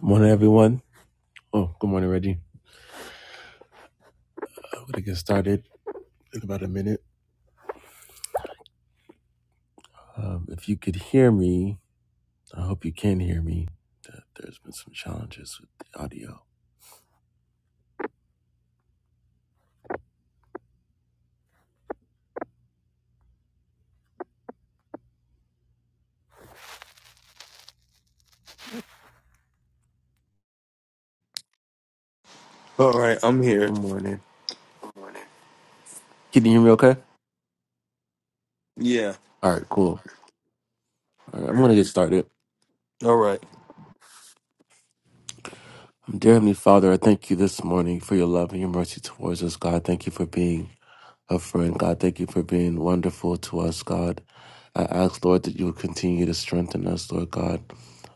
Good morning, everyone. Oh, good morning, Reggie. I'm going to get started in about a minute. Um, if you could hear me, I hope you can hear me. Uh, There's been some challenges with the audio. All right, I'm here. Good morning. Can you hear me okay? Yeah. All right, cool. All right, I'm going to get started. All right. Um, Dear Heavenly Father, I thank you this morning for your love and your mercy towards us, God. Thank you for being a friend, God. Thank you for being wonderful to us, God. I ask, Lord, that you will continue to strengthen us, Lord God.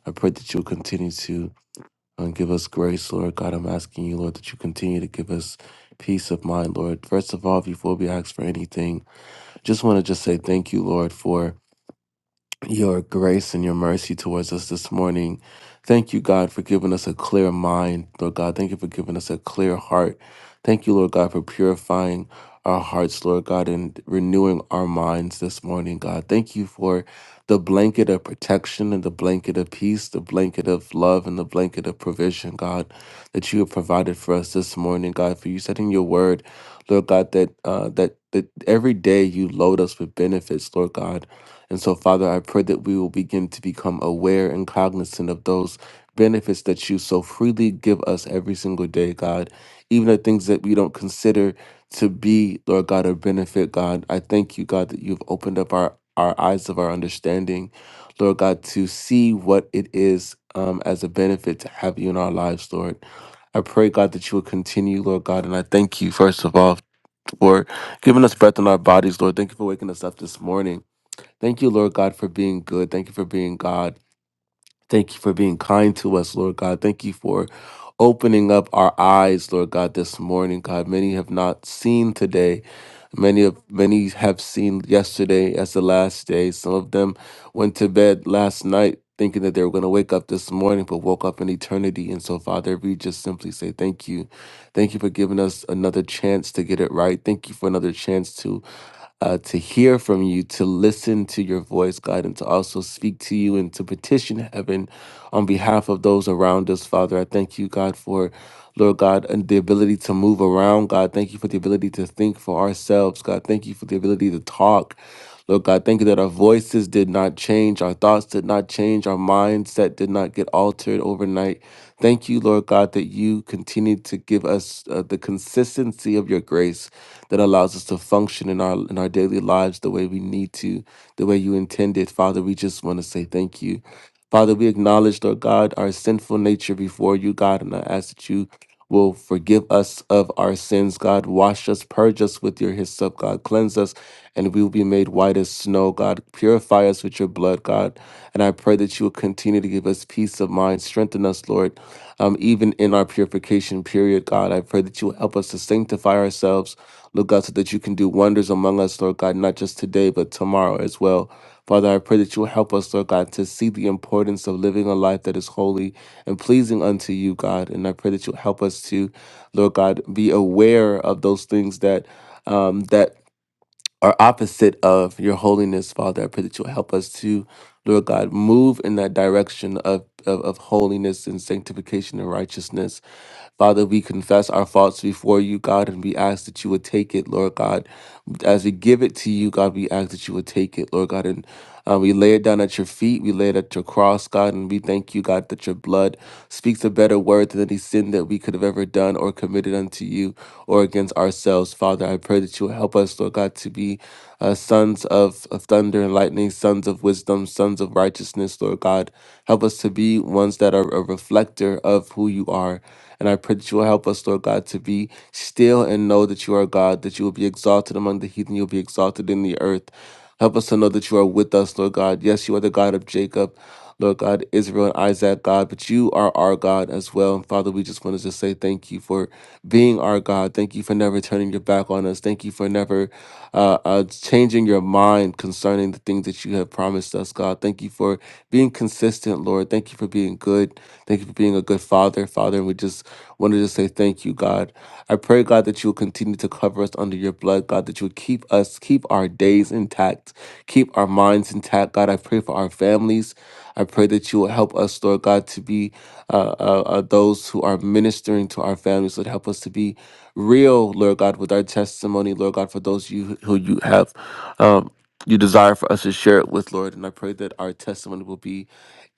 I pray that you will continue to And give us grace, Lord God. I'm asking you, Lord, that you continue to give us peace of mind, Lord. First of all, before we ask for anything, just want to just say thank you, Lord, for your grace and your mercy towards us this morning. Thank you, God, for giving us a clear mind, Lord God. Thank you for giving us a clear heart. Thank you, Lord God, for purifying our hearts, Lord God, and renewing our minds this morning, God. Thank you for the blanket of protection and the blanket of peace, the blanket of love and the blanket of provision, God, that you have provided for us this morning, God, for you setting your word, Lord God, that uh that that every day you load us with benefits, Lord God and so, Father, I pray that we will begin to become aware and cognizant of those benefits that you so freely give us every single day, God. Even the things that we don't consider to be, Lord God, a benefit, God. I thank you, God, that you've opened up our, our eyes of our understanding, Lord God, to see what it is um, as a benefit to have you in our lives, Lord. I pray, God, that you will continue, Lord God, and I thank you, first of all, for giving us breath in our bodies, Lord. Thank you for waking us up this morning. Thank you, Lord God, for being good. Thank you for being God. Thank you for being kind to us, Lord God. Thank you for opening up our eyes, Lord God, this morning, God. Many have not seen today. Many of many have seen yesterday as the last day. Some of them went to bed last night thinking that they were going to wake up this morning, but woke up in eternity. And so, Father, we just simply say thank you. Thank you for giving us another chance to get it right. Thank you for another chance to uh, to hear from you, to listen to your voice, God, and to also speak to you and to petition heaven on behalf of those around us, Father. I thank you, God, for Lord God, and the ability to move around, God. Thank you for the ability to think for ourselves, God. Thank you for the ability to talk. Lord God, thank you that our voices did not change, our thoughts did not change, our mindset did not get altered overnight. Thank you, Lord God, that you continue to give us uh, the consistency of your grace that allows us to function in our in our daily lives the way we need to, the way you intended. Father, we just want to say thank you. Father, we acknowledge, Lord God, our sinful nature before you, God, and I ask that you will forgive us of our sins, God. Wash us, purge us with your hyssop, God. Cleanse us, and we will be made white as snow, God. Purify us with your blood, God. And I pray that you will continue to give us peace of mind. Strengthen us, Lord, um, even in our purification period, God. I pray that you will help us to sanctify ourselves, Lord God, so that you can do wonders among us, Lord God, not just today, but tomorrow as well. Father, I pray that you will help us, Lord God, to see the importance of living a life that is holy and pleasing unto you, God. And I pray that you'll help us to, Lord God, be aware of those things that um, that are opposite of your holiness, Father. I pray that you'll help us to, Lord God, move in that direction of, of, of holiness and sanctification and righteousness. Father, we confess our faults before you, God, and we ask that you would take it, Lord God. As we give it to you, God, we ask that you would take it, Lord God, and uh, we lay it down at your feet. We lay it at your cross, God, and we thank you, God, that your blood speaks a better word than any sin that we could have ever done or committed unto you or against ourselves. Father, I pray that you will help us, Lord God, to be uh, sons of, of thunder and lightning, sons of wisdom, sons of righteousness, Lord God. Help us to be ones that are a reflector of who you are. And I pray that you will help us, Lord God, to be still and know that you are God, that you will be exalted among the heathen, you'll be exalted in the earth. Help us to know that you are with us, Lord God. Yes, you are the God of Jacob, Lord God, Israel and Isaac, God, but you are our God as well. And Father, we just want to just say thank you for being our God. Thank you for never turning your back on us. Thank you for never uh, uh, changing your mind concerning the things that you have promised us, God. Thank you for being consistent, Lord. Thank you for being good. Thank you for being a good father. Father, and we just wanted to say thank you, God. I pray, God, that you will continue to cover us under your blood, God, that you would keep us, keep our days intact, keep our minds intact, God. I pray for our families. I pray that you will help us, Lord God, to be uh, uh, uh, those who are ministering to our families. Would help us to be real, Lord God, with our testimony, Lord God, for those you who you have. Um, you desire for us to share it with, Lord. And I pray that our testimony will be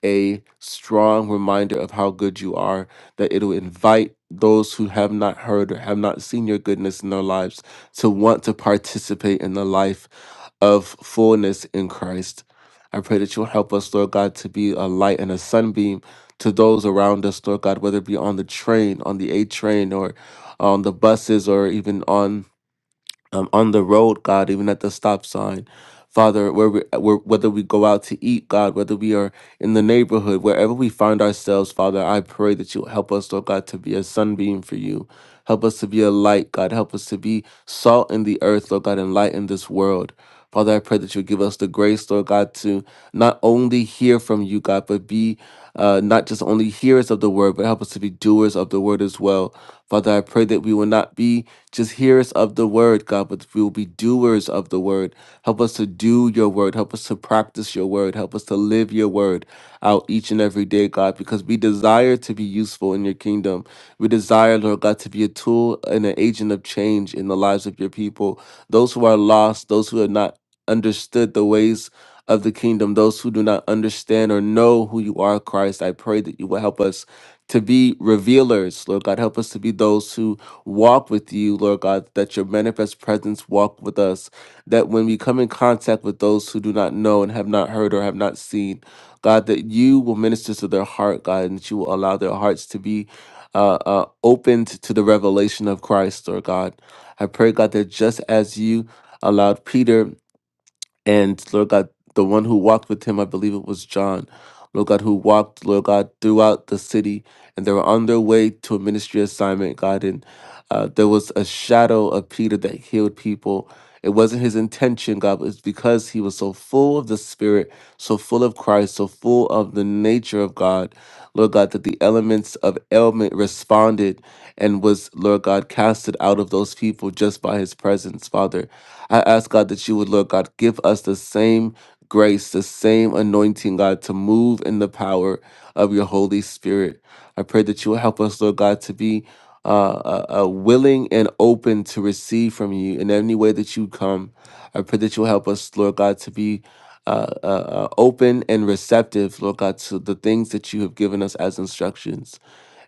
a strong reminder of how good you are, that it'll invite those who have not heard or have not seen your goodness in their lives to want to participate in the life of fullness in Christ. I pray that you'll help us, Lord God, to be a light and a sunbeam to those around us, Lord God, whether it be on the train, on the A train, or on the buses, or even on um, on the road, God, even at the stop sign. Father, where we, where, whether we go out to eat, God, whether we are in the neighborhood, wherever we find ourselves, Father, I pray that you help us, Lord God, to be a sunbeam for you. Help us to be a light, God. Help us to be salt in the earth, Lord God, and light in this world. Father, I pray that you give us the grace, Lord God, to not only hear from you, God, but be uh, not just only hearers of the word, but help us to be doers of the word as well. Father, I pray that we will not be just hearers of the word, God, but we will be doers of the word. Help us to do your word. Help us to practice your word. Help us to live your word out each and every day, God, because we desire to be useful in your kingdom. We desire, Lord God, to be a tool and an agent of change in the lives of your people, those who are lost, those who are not understood the ways of the kingdom, those who do not understand or know who you are, Christ, I pray that you will help us to be revealers. Lord God, help us to be those who walk with you, Lord God, that your manifest presence walk with us, that when we come in contact with those who do not know and have not heard or have not seen, God, that you will minister to their heart, God, and that you will allow their hearts to be uh, uh, opened to the revelation of Christ, Lord God. I pray, God, that just as you allowed Peter and Lord God, the one who walked with him, I believe it was John, Lord God, who walked, Lord God, throughout the city, and they were on their way to a ministry assignment, God, and uh, there was a shadow of Peter that healed people. It wasn't his intention, God, but it's because he was so full of the Spirit, so full of Christ, so full of the nature of God, Lord God, that the elements of ailment responded and was, Lord God, casted out of those people just by his presence, Father. I ask God that you would, Lord God, give us the same grace, the same anointing, God, to move in the power of your Holy Spirit. I pray that you will help us, Lord God, to be uh, uh, uh, willing and open to receive from you in any way that you come. I pray that you'll help us, Lord God, to be uh, uh, uh, open and receptive, Lord God, to the things that you have given us as instructions.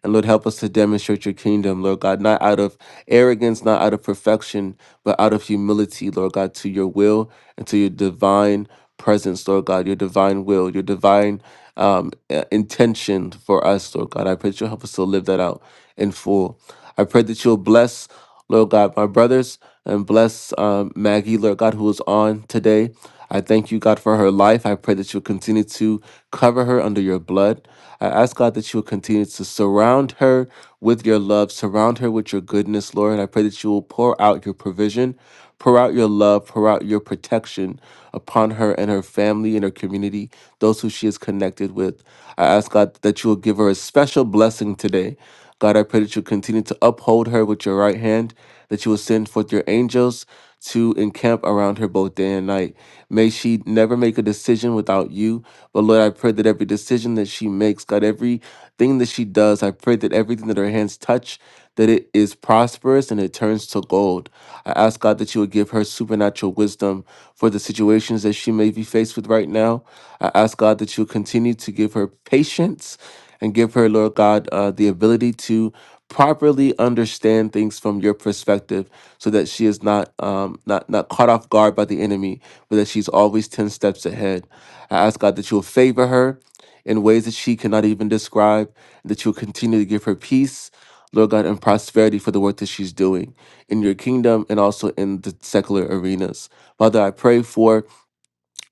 And Lord, help us to demonstrate your kingdom, Lord God, not out of arrogance, not out of perfection, but out of humility, Lord God, to your will and to your divine presence, Lord God, your divine will, your divine um, uh, intention for us, Lord God. I pray that you'll help us to live that out in full. I pray that you'll bless, Lord God, my brothers and bless um, Maggie, Lord God, who is on today. I thank you, God, for her life. I pray that you'll continue to cover her under your blood. I ask, God, that you will continue to surround her with your love, surround her with your goodness, Lord. And I pray that you will pour out your provision, pour out your love, pour out your protection upon her and her family and her community, those who she is connected with. I ask, God, that you will give her a special blessing today. God, I pray that you continue to uphold her with your right hand, that you will send forth your angels to encamp around her both day and night. May she never make a decision without you. But Lord, I pray that every decision that she makes, God, everything that she does, I pray that everything that her hands touch, that it is prosperous and it turns to gold. I ask God that you would give her supernatural wisdom for the situations that she may be faced with right now. I ask God that you continue to give her patience and give her, Lord God, uh, the ability to properly understand things from your perspective so that she is not um, not not caught off guard by the enemy, but that she's always ten steps ahead. I ask God that you will favor her in ways that she cannot even describe, and that you will continue to give her peace, Lord God, and prosperity for the work that she's doing in your kingdom and also in the secular arenas. Father, I pray for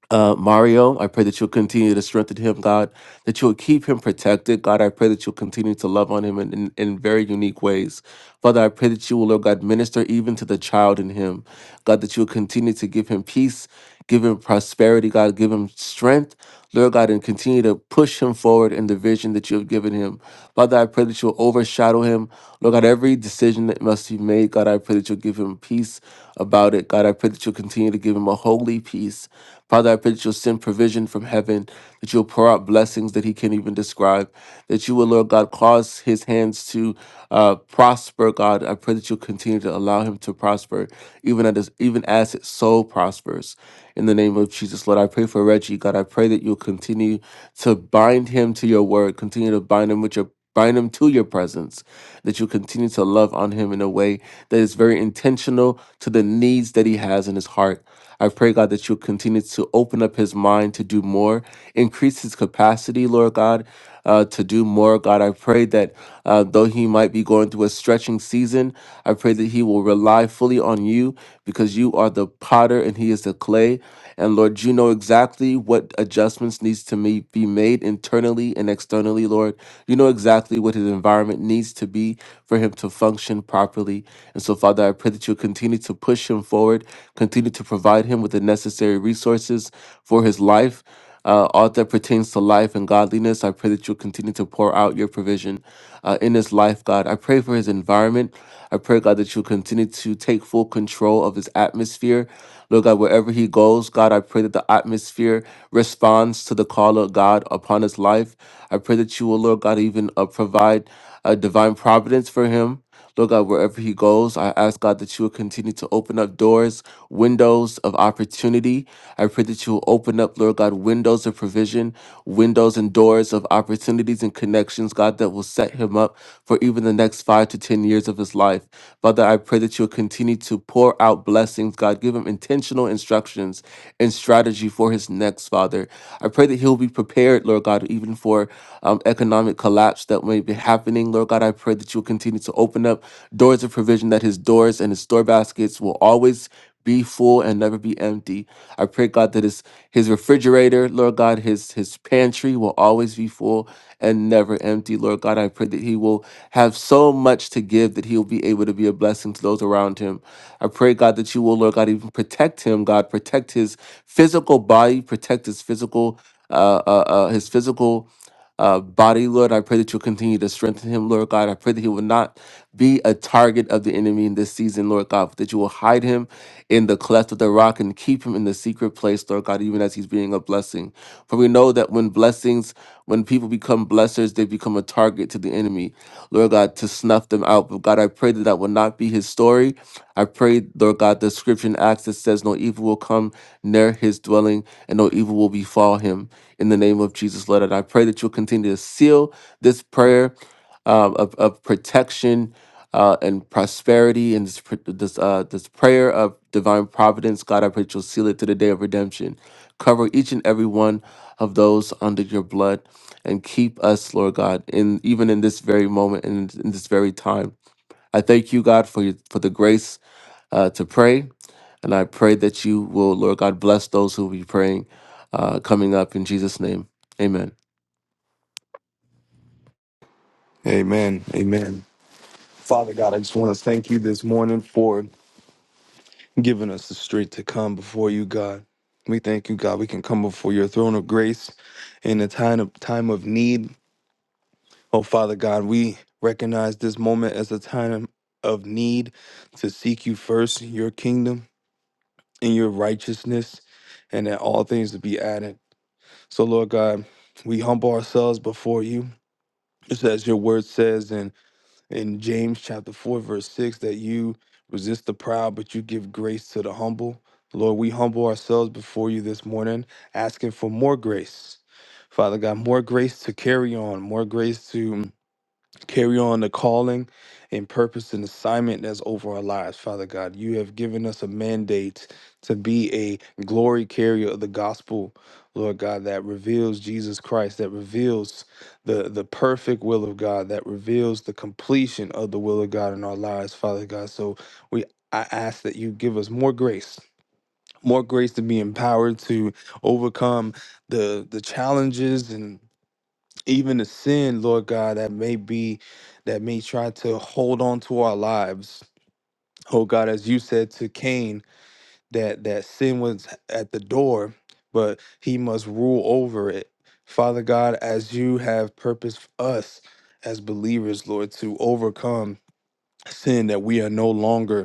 uh, Mario. I pray that you'll continue to strengthen him, God, that you'll keep him protected. God, I pray that you'll continue to love on him in, in, in very unique ways. Father, I pray that you will, Lord God, minister even to the child in him. God, that you'll continue to give him peace, give him prosperity, God, give him strength. Lord God, and continue to push him forward in the vision that you have given him. Father, I pray that you'll overshadow him. Lord God, every decision that must be made, God, I pray that you'll give him peace about it. God, I pray that you'll continue to give him a holy peace Father, I pray that you'll send provision from heaven, that you'll pour out blessings that he can't even describe, that you will, Lord God, cause his hands to uh, prosper, God. I pray that you'll continue to allow him to prosper, even as, even as his soul prospers. In the name of Jesus, Lord, I pray for Reggie, God. I pray that you'll continue to bind him to your word, continue to bind him with your bind him to your presence, that you continue to love on him in a way that is very intentional to the needs that he has in his heart. I pray, God, that you'll continue to open up his mind to do more, increase his capacity, Lord God, uh, to do more. God, I pray that uh, though he might be going through a stretching season, I pray that he will rely fully on you because you are the potter and he is the clay. And Lord, you know exactly what adjustments needs to ma- be made internally and externally, Lord. You know exactly what his environment needs to be for him to function properly. And so, Father, I pray that you continue continue to push him forward, continue to provide him with the necessary resources for his life. Uh, all that pertains to life and godliness, I pray that you'll continue to pour out your provision uh, in his life, God. I pray for his environment. I pray, God, that you'll continue to take full control of his atmosphere. Lord God, wherever he goes, God, I pray that the atmosphere responds to the call of God upon his life. I pray that you will, Lord God, even uh, provide a divine providence for him. Lord God, wherever he goes, I ask God that you will continue to open up doors, windows of opportunity. I pray that you will open up, Lord God, windows of provision, windows and doors of opportunities and connections, God, that will set him up for even the next five to 10 years of his life. Father, I pray that you will continue to pour out blessings, God. Give him intentional instructions and strategy for his next, Father. I pray that he'll be prepared, Lord God, even for um, economic collapse that may project happening. Lord God, I pray that you'll continue to open up doors of provision, that his doors and his store baskets will always be full and never be empty. I pray, God, that his his refrigerator, Lord God, his his pantry will always be full and never empty. Lord God, I pray that he will have so much to give that he will be able to be a blessing to those around him. I pray, God, that you will, Lord God, even protect him, God, protect his physical body, protect his physical, uh, uh, uh his physical uh, body, Lord. I pray that you'll continue to strengthen him, Lord God. I pray that he will not be a target of the enemy in this season, Lord God, but that you will hide him in the cleft of the rock and keep him in the secret place, Lord God, even as he's being a blessing. For we know that when blessings, when people become blessers, they become a target to the enemy, Lord God, to snuff them out. But God, I pray that that will not be his story. I pray, Lord God, the scripture in Acts that says no evil will come come near his dwelling, and no evil will befall him. In the name of Jesus, Lord, and I pray that you'll continue to seal this prayer um, of, of protection uh, and prosperity, and this pr- this, uh, this prayer of divine providence. God, I pray that you'll seal it to the day of redemption. Cover each and every one of those under your blood, and keep us, Lord God, in even in this very moment and in this very time. I thank you, God, for your, for the grace uh, to pray, and I pray that you will, Lord God, bless those who will be praying uh, coming up in Jesus' name. Amen. Amen. Amen. Father God, I just want to thank you this morning for giving us the strength to come before you, God. We thank you, God. We can come before your throne of grace in a time of time of need. Oh, Father God, we recognize this moment as a time of need to seek you first, your kingdom and your righteousness, and that all things to be added. So, Lord God, we humble ourselves before you, just as your word says, in James chapter 4, verse 6, that you resist the proud, but you give grace to the humble. Lord, we humble ourselves before you this morning, asking for more grace. Father God, more grace to carry on, more grace to mm, carry on the calling and purpose and assignment that's over our lives, Father God. You have given us a mandate to be a glory carrier of the gospel, Lord God, that reveals Jesus Christ, that reveals the, the perfect will of God, that reveals the completion of the will of God in our lives, Father God. So we I ask that you give us more grace. More grace to be empowered to overcome the the challenges and even the sin, Lord God, that may be that may try to hold on to our lives. Oh God, as you said to Cain, that that sin was at the door, but he must rule over it. Father God, as you have purposed us as believers, Lord, to overcome sin that we are no longer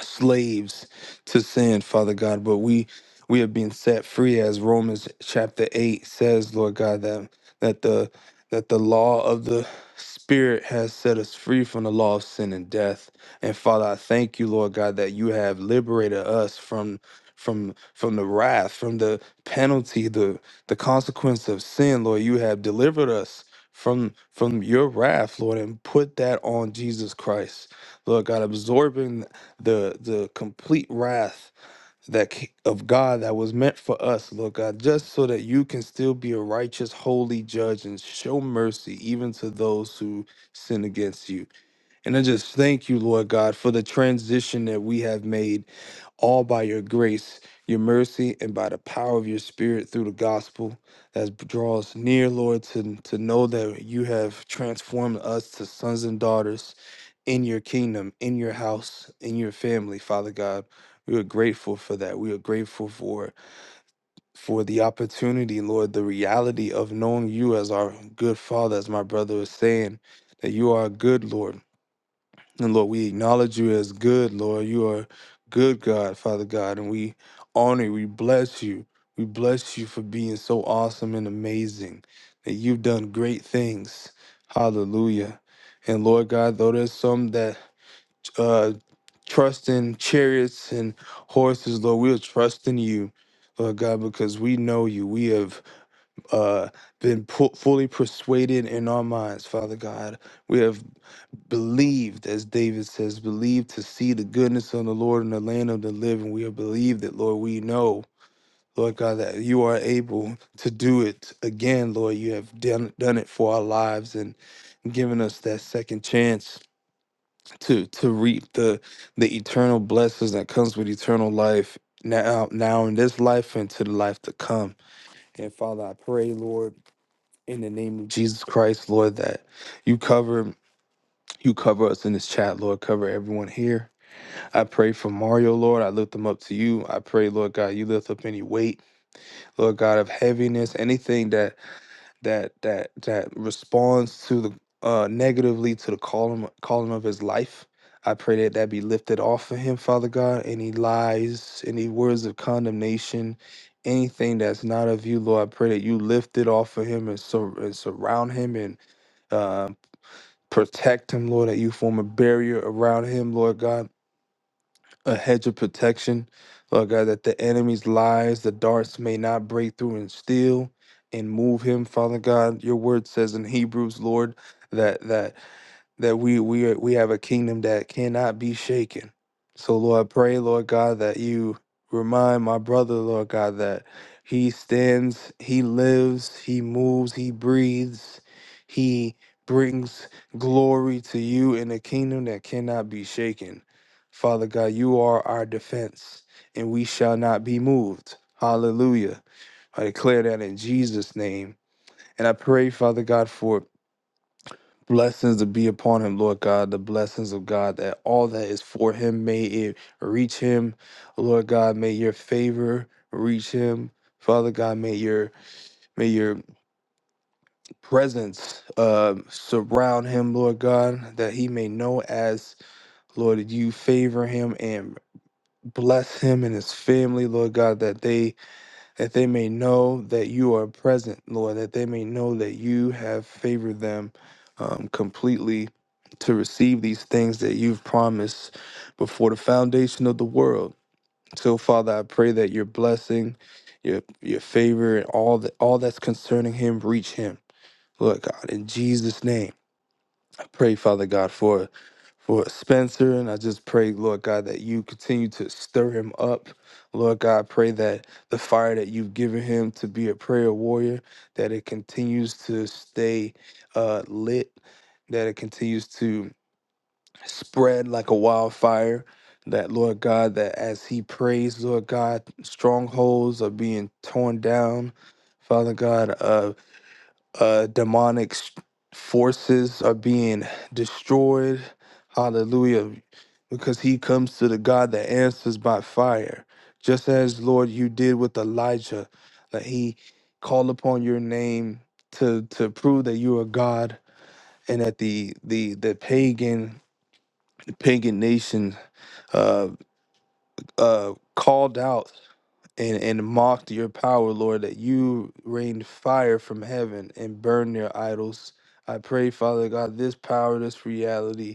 slaves to sin, Father God, but we we have been set free as Romans chapter 8 says, Lord God, that that the that the law of the spirit has set us free from the law of sin and death. And Father, I thank you, Lord God, that you have liberated us from from from the wrath, from the penalty, the the consequence of sin, Lord. You have delivered us from from your wrath, Lord, and put that on Jesus Christ. Lord God, absorbing the the complete wrath that ca- of God that was meant for us, Lord God, just so that you can still be a righteous, holy judge and show mercy even to those who sin against you. And I just thank you, Lord God, for the transition that we have made all by your grace, your mercy, and by the power of your spirit through the gospel that draws near, Lord, to, to know that you have transformed us to sons and daughters in your kingdom, in your house, in your family, Father God. We are grateful for that. We are grateful for for the opportunity, Lord, the reality of knowing you as our good Father, as my brother was saying, that you are good, Lord. And Lord, we acknowledge you as good, Lord. You are good God, Father God, and we honor, you. we bless you. We bless you for being so awesome and amazing, that you've done great things. Hallelujah. And Lord God, though there's some that uh, trusting chariots and horses, Lord. We are trusting you, Lord God, because we know you. We have uh, been pu- fully persuaded in our minds, Father God. We have believed, as David says, believed to see the goodness of the Lord in the land of the living. We have believed that, Lord. We know. Lord God, that you are able to do it again, Lord. You have done, done it for our lives and given us that second chance to to reap the the eternal blessings that comes with eternal life now now in this life and to the life to come and father i pray lord in the name of jesus christ lord that you cover you cover us in this chat lord cover everyone here i pray for mario lord i lift them up to you i pray lord god you lift up any weight lord god of heaviness anything that that that that responds to the uh negatively to the calling calling of his life. I pray that that be lifted off of him, Father God. Any lies, any words of condemnation, anything that's not of you, Lord, I pray that you lift it off of him and, sur- and surround him and uh, protect him, Lord. That you form a barrier around him, Lord God a hedge of protection, Lord God, that the enemy's lies, the darts may not break through and steal and move him, Father God. Your word says in Hebrews, Lord, that that that we we are, we have a kingdom that cannot be shaken. So Lord, I pray, Lord God, that you remind my brother, Lord God, that he stands, he lives, he moves, he breathes, he brings glory to you in a kingdom that cannot be shaken. Father God, you are our defense, and we shall not be moved. Hallelujah. I declare that in Jesus' name. And I pray, Father God, for blessings to be upon him, Lord God, the blessings of God, that all that is for him, may it reach him. Lord God, may your favor reach him. Father God, may your may your presence uh, surround him, Lord God, that he may know as Lord, you favor him and. bless him and his family, Lord God, that they that they may know that you are present, Lord, that they may know that you have favored them um, completely to receive these things that you've promised before the foundation of the world. So, Father, I pray that your blessing, your your favor, and all that all that's concerning him reach him, Lord God, in Jesus' name pray, Father God, for for Spencer, and I just pray, Lord God, that you continue to stir him up. Lord God, pray that the fire that you've given him to be a prayer warrior, that it continues to stay uh, lit, that it continues to spread like a wildfire. That Lord God, that as he prays, Lord God, strongholds are being torn down. Father God, uh, demonic s- forces are being destroyed. Hallelujah. Because he comes to the God that answers by fire. Just as, Lord, you did with Elijah, that he called upon your name to, to prove that you are God and that the the the pagan the pagan nation uh uh called out and, and mocked your power, Lord, that you rained fire from heaven and burned their idols. I pray, Father God, this power, this reality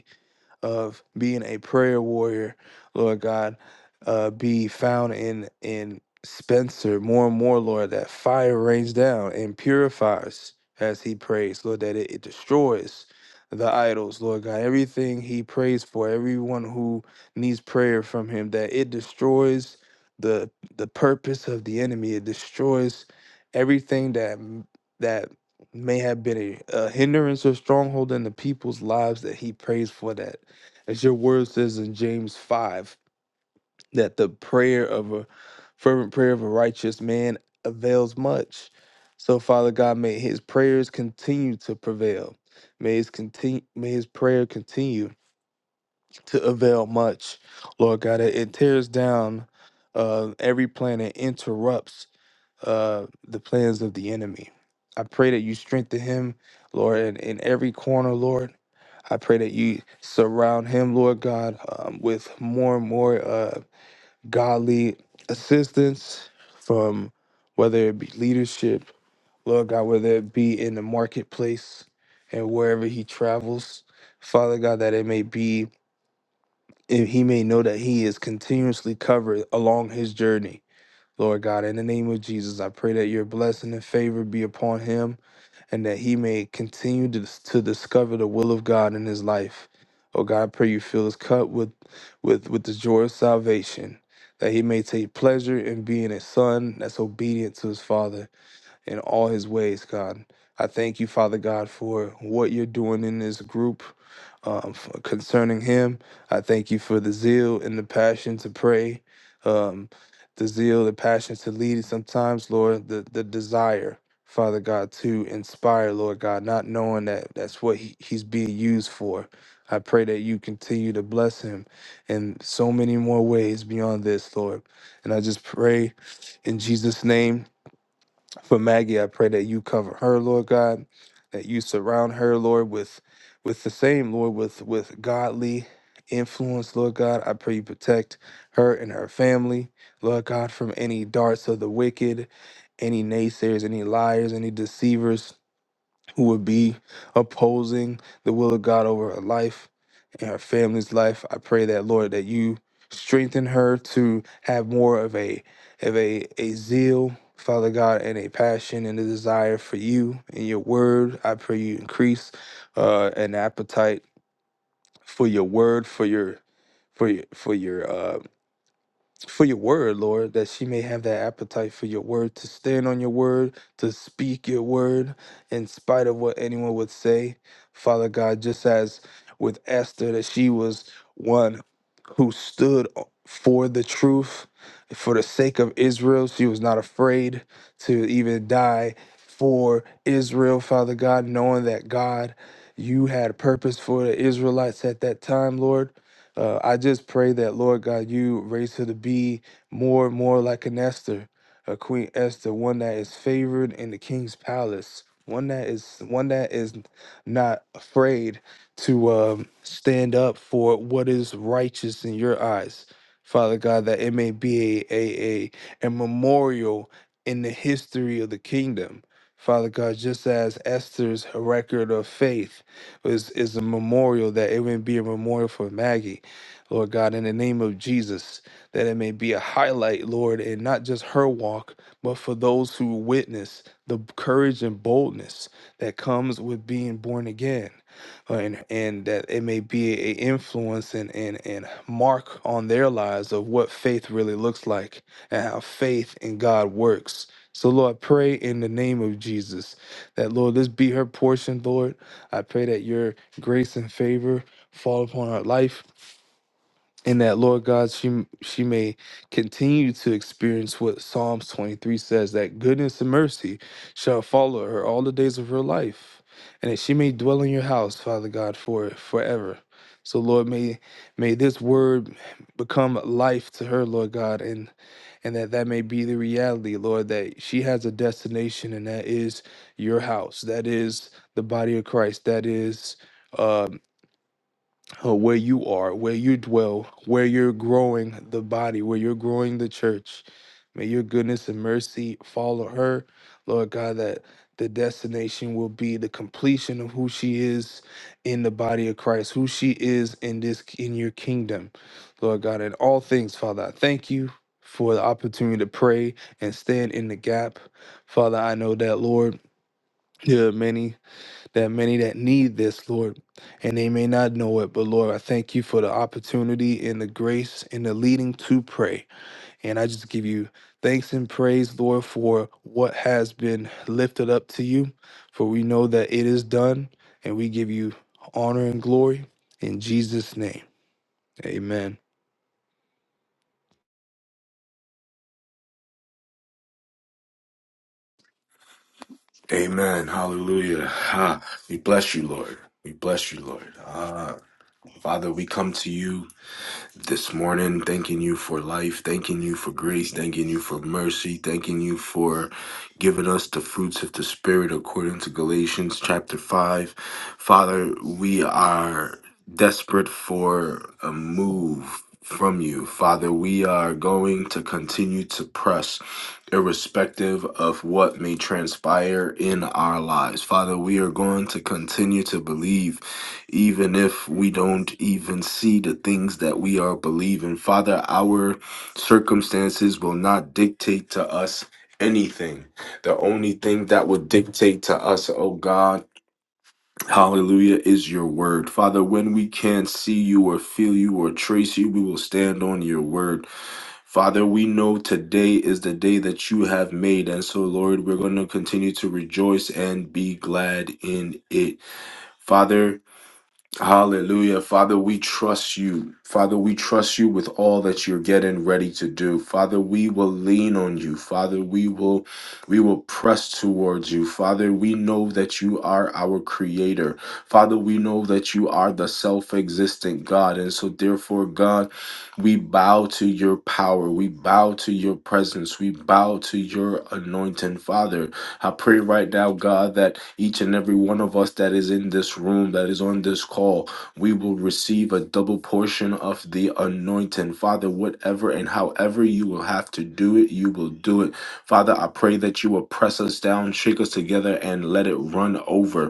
of being a prayer warrior, Lord God, uh, be found in in Spencer more and more, Lord, that fire rains down and purifies as he prays, Lord, that it, it destroys the idols, Lord God, everything he prays for, everyone who needs prayer from him, that it destroys the the purpose of the enemy. It destroys everything that that may have been a, a hindrance or stronghold in the people's lives that he prays for that as your word says in James 5, that the prayer of a fervent prayer of a righteous man avails much. So, Father God, may his prayers continue to prevail. May his continue, may his prayer continue to avail much. Lord God, it, it tears down uh, every plan and interrupts uh, the plans of the enemy. I pray that you strengthen him, Lord, in, in every corner, Lord. I pray that you surround him, Lord God, um, with more and more uh, godly assistance from whether it be leadership, Lord God, whether it be in the marketplace and wherever he travels, Father God, that it may be, and he may know that he is continuously covered along his journey. Lord God, in the name of Jesus, I pray that your blessing and favor be upon him and that he may continue to, to discover the will of God in his life. Oh God, I pray you fill his cup with, with, with the joy of salvation, that he may take pleasure in being a son that's obedient to his father in all his ways, God. I thank you, Father God, for what you're doing in this group um, f- concerning him. I thank you for the zeal and the passion to pray, um, the zeal, the passion to lead. Sometimes, Lord, the, the desire, Father God, to inspire, Lord God, not knowing that that's what he, he's being used for. I pray that you continue to bless him in so many more ways beyond this, Lord. And I just pray in Jesus' name for Maggie, I pray that you cover her, Lord God, that you surround her, Lord, with with the same, Lord, with with godly influence, Lord God. I pray you protect her and her family, Lord God, from any darts of the wicked, any naysayers, any liars, any deceivers who would be opposing the will of God over her life and her family's life. I pray that Lord that you strengthen her to have more of a of a a zeal, Father God, and a passion and a desire for you and your word. I pray you increase uh, an appetite for your word, for your for your for your uh, for your word, Lord, that she may have that appetite for your word, to stand on your word, to speak your word in spite of what anyone would say. Father God, just as with Esther, that she was one who stood for the truth, for the sake of Israel. She was not afraid to even die for Israel, Father God, knowing that God, you had a purpose for the Israelites at that time, Lord. Uh, I just pray that, Lord God, you raise her to be more and more like an Esther, a Queen Esther, one that is favored in the king's palace, one that is one that is not afraid to um, stand up for what is righteous in your eyes. Father God, that it may be a, a, a, a memorial in the history of the kingdom. Father God, just as Esther's record of faith was is a memorial, that it would be a memorial for Maggie. Lord God, in the name of Jesus, that it may be a highlight, Lord, and not just her walk, but for those who witness the courage and boldness that comes with being born again. Uh, and and that it may be a influence and, and and mark on their lives of what faith really looks like and how faith in God works. So Lord, I pray in the name of Jesus that Lord, this be her portion, Lord. I pray that your grace and favor fall upon her life and that Lord God, she she may continue to experience what Psalms 23 says that goodness and mercy shall follow her all the days of her life, and that she may dwell in your house, Father God, for forever. So Lord, may may this word become life to her, Lord God, and and that that may be the reality, Lord, that she has a destination, and that is your house, that is the body of Christ, that is. um, uh, where you are, where you dwell, where you're growing the body, where you're growing the church. May your goodness and mercy follow her, Lord God, that the destination will be the completion of who she is in the body of Christ, who she is in this in your kingdom, Lord God, in all things, Father. I thank you for the opportunity to pray and stand in the gap. Father, I know that, Lord, there are many there are many that need this, Lord, and they may not know it, but Lord, I thank you for the opportunity and the grace and the leading to pray. And I just give you thanks and praise, Lord, for what has been lifted up to you, for we know that it is done, and we give you honor and glory in Jesus' name. Amen. Amen. Hallelujah. Ha. We bless you, Lord. We bless you, Lord. Ah, Father, we come to you this morning, thanking you for life, thanking you for grace, thanking you for mercy, thanking you for giving us the fruits of the Spirit according to Galatians chapter 5. Father, we are desperate for a move from you. Father, we are going to continue to press irrespective of what may transpire in our lives. Father, we are going to continue to believe, even if we don't even see the things that we are believing. Father, our circumstances will not dictate to us anything. The only thing that would dictate to us, oh God, Hallelujah is your word. Father, when we can't see you or feel you or trace you, we will stand on your word. Father, we know today is the day that you have made. And so, Lord, we're going to continue to rejoice and be glad in it. Father, Hallelujah. Father, we trust you. Father, we trust you with all that you're getting ready to do. Father, we will lean on you. Father, we will we will press towards you. Father, we know that you are our creator. Father, we know that you are the self-existent God. And so therefore, God, we bow to your power. We bow to your presence. We bow to your anointing, Father. I pray right now, God, that each and every one of us that is in this room, that is on this call, we will receive a double portion of the anointing. Father, whatever and however you will have to do it, you will do it. Father, I pray that you will press us down, shake us together, and let it run over.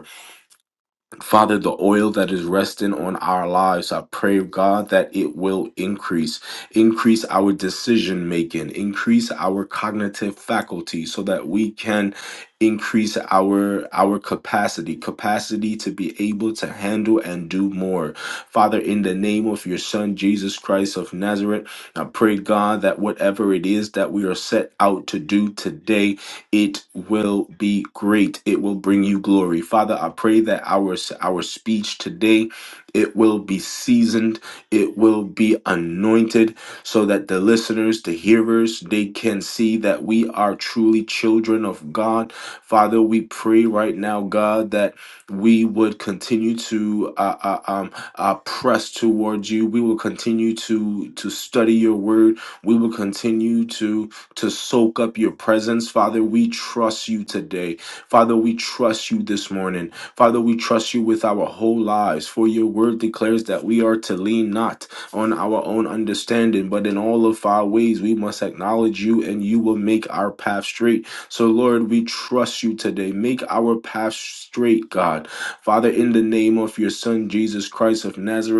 Father, the oil that is resting on our lives, I pray, God, that it will increase. Increase our decision making, increase our cognitive faculty so that we can increase our our capacity capacity to be able to handle and do more father in the name of your son jesus christ of nazareth i pray god that whatever it is that we are set out to do today it will be great it will bring you glory father i pray that our our speech today it will be seasoned it will be anointed so that the listeners the hearers they can see that we are truly children of god father we pray right now god that we would continue to uh, uh, um, uh, press towards you we will continue to to study your word we will continue to to soak up your presence. Father, we trust you today. Father, we trust you this morning. Father, we trust you with our whole lives, for your word declares that we are to lean not on our own understanding, but in all of our ways we must acknowledge you and you will make our path straight. So, Lord, we trust you today. Make our path straight, God. Father, in the name of your Son, Jesus Christ of Nazareth.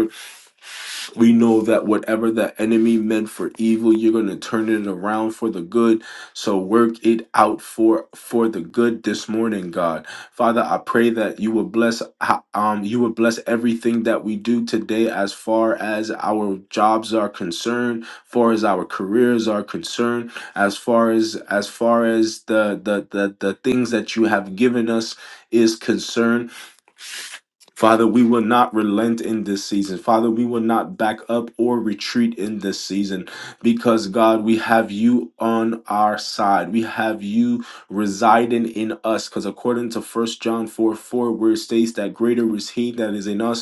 We know that whatever the enemy meant for evil, you're going to turn it around for the good. So work it out for for the good this morning, God. Father, I pray that you will bless um you will bless everything that we do today as far as our jobs are concerned, far as our careers are concerned, as far as as far as the the the, the things that you have given us is concerned. Father, we will not relent in this season. Father, we will not back up or retreat in this season because, God, we have you on our side. We have you residing in us because, according to 1 John 4 4, where it states that greater is He that is in us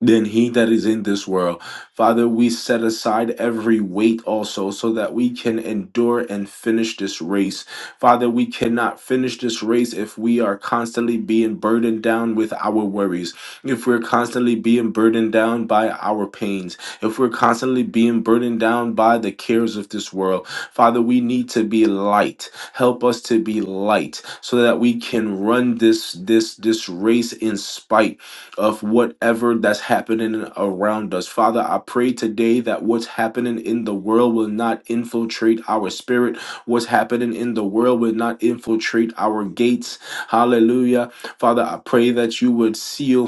than he that is in this world. Father, we set aside every weight also so that we can endure and finish this race. Father, we cannot finish this race if we are constantly being burdened down with our worries, if we're constantly being burdened down by our pains, if we're constantly being burdened down by the cares of this world. Father, we need to be light. Help us to be light so that we can run this this this race in spite of whatever that's happening around us. Father, I pray today that what's happening in the world will not infiltrate our spirit. What's happening in the world will not infiltrate our gates. Hallelujah. Father, I pray that you would seal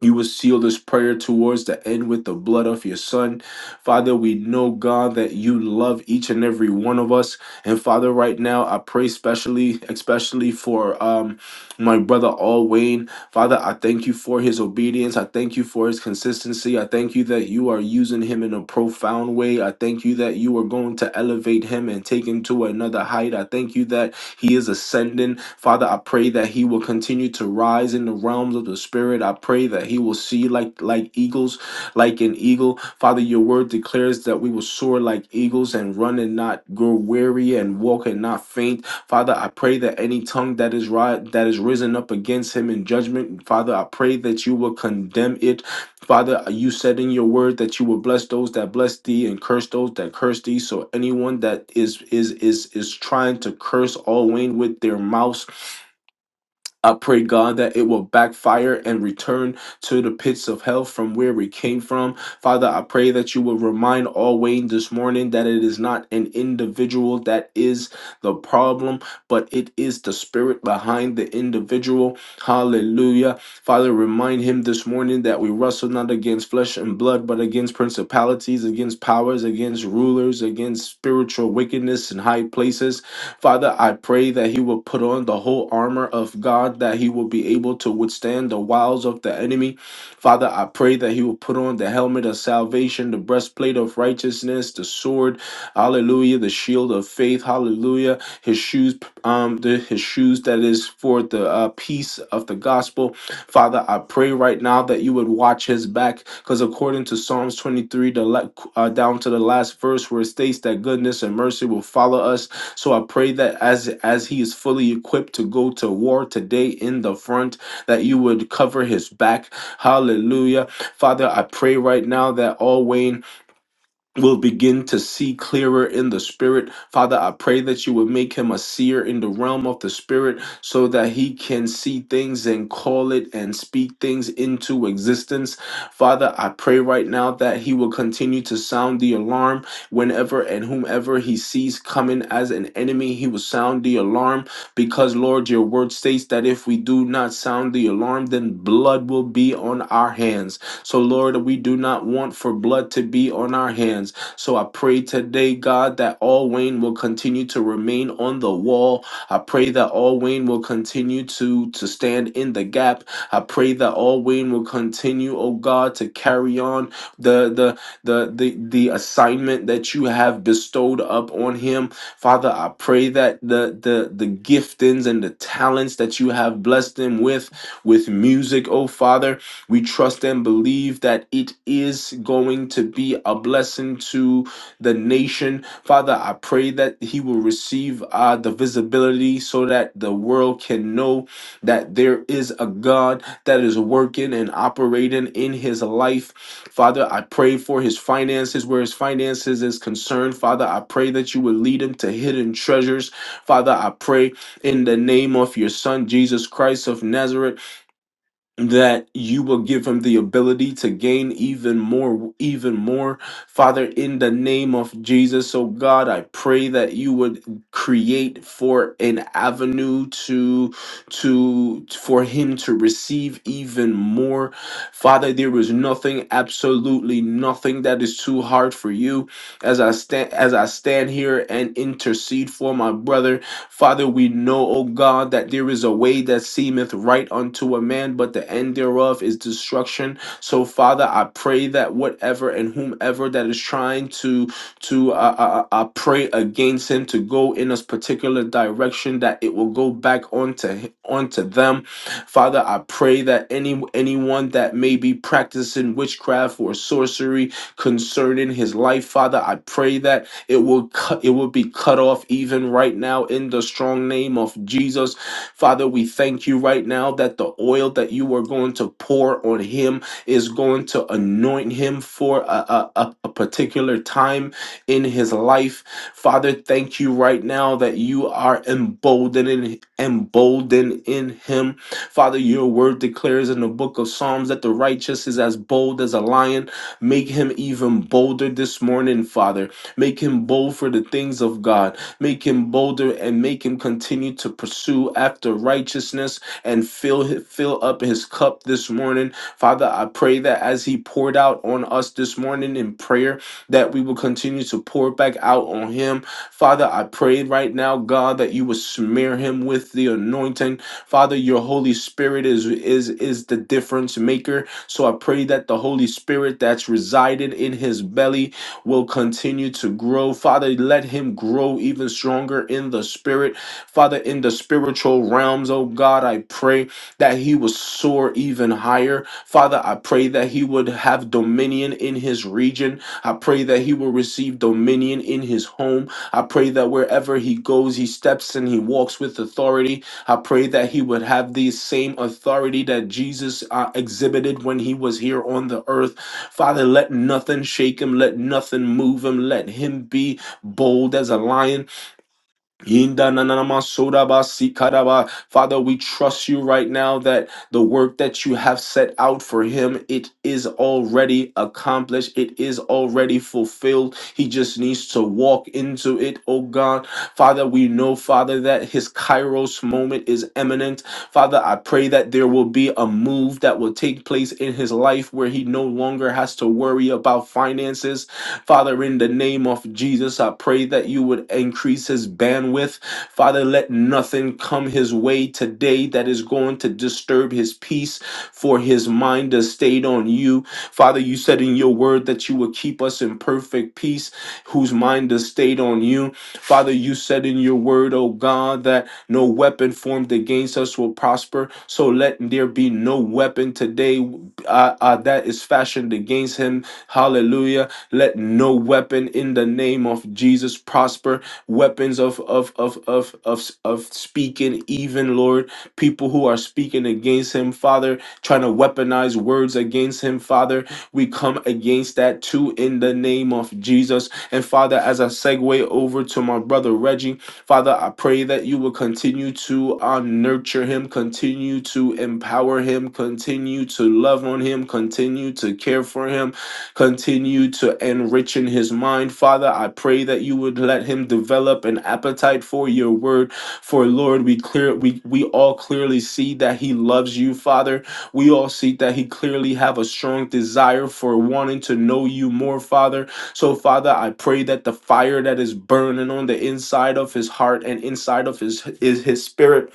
you will seal this prayer towards the end with the blood of your son. Father, we know, God, that you love each and every one of us. And Father, right now, I pray specially, especially for um, my brother Al Wayne. Father, I thank you for his obedience. I thank you for his consistency. I thank you that you are using him in a profound way. I thank you that you are going to elevate him and take him to another height. I thank you that he is ascending. Father, I pray that he will continue to rise in the realms of the spirit. I pray that he will see like like eagles, like an eagle. Father, your word declares that we will soar like eagles and run and not grow weary and walk and not faint. Father, I pray that any tongue that is ri- that is risen up against him in judgment, Father, I pray that you will condemn it Father, you said in your word that you will bless those that bless thee and curse those that curse thee. So anyone that is is is is trying to curse all Wayne with their mouths I pray, God, that it will backfire and return to the pits of hell from where we came from. Father, I pray that you will remind all Wayne this morning that it is not an individual that is the problem, but it is the spirit behind the individual. Hallelujah. Father, remind him this morning that we wrestle not against flesh and blood, but against principalities, against powers, against rulers, against spiritual wickedness in high places. Father, I pray that he will put on the whole armor of God, that he will be able to withstand the wiles of the enemy. Father, I pray that he will put on the helmet of salvation, the breastplate of righteousness, the sword, hallelujah, the shield of faith, hallelujah, his shoes, um, the, his shoes that is for the uh, peace of the gospel. Father, I pray right now that you would watch his back, because according to Psalms 23, the la- uh, down to the last verse where it states that goodness and mercy will follow us so I pray that as as he is fully equipped to go to war today in the front, that you would cover his back. Hallelujah. Father, I pray right now that all Wayne will begin to see clearer in the spirit. Father, I pray that you would make him a seer in the realm of the spirit so that he can see things and call it and speak things into existence. Father, I pray right now that he will continue to sound the alarm whenever and whomever he sees coming as an enemy, he will sound the alarm because, Lord, your word states that if we do not sound the alarm, then blood will be on our hands. So, Lord, we do not want for blood to be on our hands. So, I pray today, God, that all Wayne will continue to remain on the wall. I pray that all Wayne will continue to, to stand in the gap. I pray that all Wayne will continue, oh God, to carry on the, the, the, the, the assignment that you have bestowed up on him. Father, I pray that the, the, the giftings and the talents that you have blessed him with, with music, oh Father, we trust and believe that it is going to be a blessing to the nation. Father, I pray that he will receive uh, the visibility so that the world can know that there is a God that is working and operating in his life. Father, I pray for his finances, where his finances is concerned. Father, I pray that you would lead him to hidden treasures. Father, I pray in the name of your son, Jesus Christ of Nazareth that you will give him the ability to gain even more even more father in the name of jesus oh god i pray that you would create for an avenue to to for him to receive even more father there is nothing absolutely nothing that is too hard for you as i stand as i stand here and intercede for my brother Father, we know, O God, that there is a way that seemeth right unto a man, but the end thereof is destruction. So, Father, I pray that whatever and whomever that is trying to to uh, uh, uh, uh, pray against him to go in a particular direction, that it will go back onto hi- onto them. Father, I pray that any anyone that may be practicing witchcraft or sorcery concerning his life, Father, I pray that it will cut, it will be cut off even right now in the strong name of Jesus. Father, we thank you right now that the oil that you are going to pour on him is going to anoint him for a, a, a a particular time in his life. Father, thank you right now that you are emboldening emboldened in him. Father, your word declares in the book of Psalms that the righteous is as bold as a lion. Make him even bolder this morning, Father. Make him bold for the things of God. Make him bolder and make him continue to pursue after righteousness and fill fill up his cup this morning. Father, I pray that as he poured out on us this morning in prayer, that we will continue to pour back out on him. Father, I pray right now, God, that you will smear him with the anointing. Father, your Holy Spirit is is is the difference maker. So I pray that the Holy Spirit that's resided in his belly will continue to grow. Father, let him grow even stronger in the spirit. Father, in the spiritual realms, oh God, I pray that he would soar even higher. Father, I pray that he would have dominion in his region. I pray that he will receive dominion in his home. I pray that wherever he goes, he steps and he walks with authority. I pray that he would have the same authority that Jesus uh, exhibited when he was here on the earth. Father, let nothing shake him, let nothing move him, let him be bold as a lion Yinda na na na ma soda ba si kada ba. Father, we trust you right now that the work that you have set out for him, it is already accomplished. It is already fulfilled. He just needs to walk into it, oh God. Father, we know, Father, that his kairos moment is imminent. Father, I pray that there will be a move that will take place in his life where he no longer has to worry about finances. Father, in the name of Jesus. Jesus, I pray that you would increase his bandwidth. Father, let nothing come his way today that is going to disturb his peace, for his mind is stayed on you. Father, you said in your word that you would keep us in perfect peace, whose mind is stayed on you. Father, you said in your word, oh God, that no weapon formed against us will prosper. So let there be no weapon today uh, uh, that is fashioned against him. Hallelujah let no weapon in the name of Jesus prosper. Weapons of of of of of of speaking, even Lord, people who are speaking against him, Father, trying to weaponize words against him, Father. We come against that too in the name of Jesus. And Father, as I segue over to my brother Reggie, Father, I pray that you will continue to uh, nurture him, continue to empower him, continue to love on him, continue to care for him Continue to enrich in his mind, Father. I pray that you would let him develop an appetite for your word. For Lord, we clear we we all clearly see that he loves you, Father. We all see that he clearly have a strong desire for wanting to know you more, Father. So, Father, I pray that the fire that is burning on the inside of his heart and inside of his is his spirit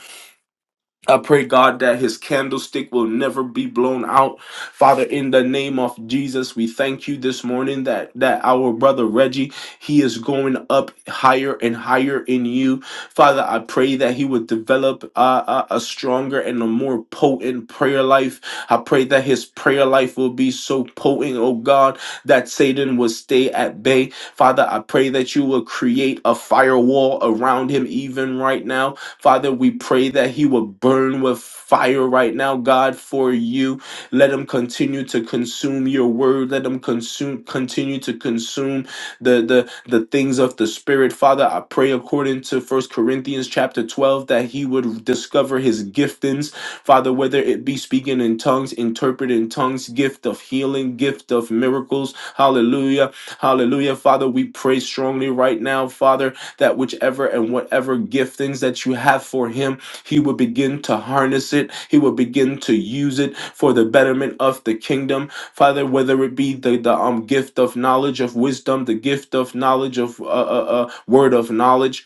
I pray, God, that his candlestick will never be blown out. Father, in the name of Jesus, we thank you this morning that, that our brother Reggie, he is going up higher and higher in you. Father, I pray that he would develop uh, a, a stronger and a more potent prayer life. I pray that his prayer life will be so potent, oh God, that Satan will stay at bay. Father, I pray that you will create a firewall around him even right now Father, we pray that he would burn with fire right now, God, for you. Let him continue to consume your word. Let him consume continue to consume the the the things of the spirit. Father, I pray according to First Corinthians chapter 12 that he would discover his giftings. Father, whether it be speaking in tongues, interpreting tongues, gift of healing, gift of miracles. Hallelujah. Hallelujah. Father, we pray strongly right now, Father that whichever and whatever giftings that you have for him, he will begin to harness it. He will begin to use it for the betterment of the kingdom. Father, whether it be the, the um gift of knowledge of wisdom, the gift of knowledge of uh, uh, uh, word of knowledge,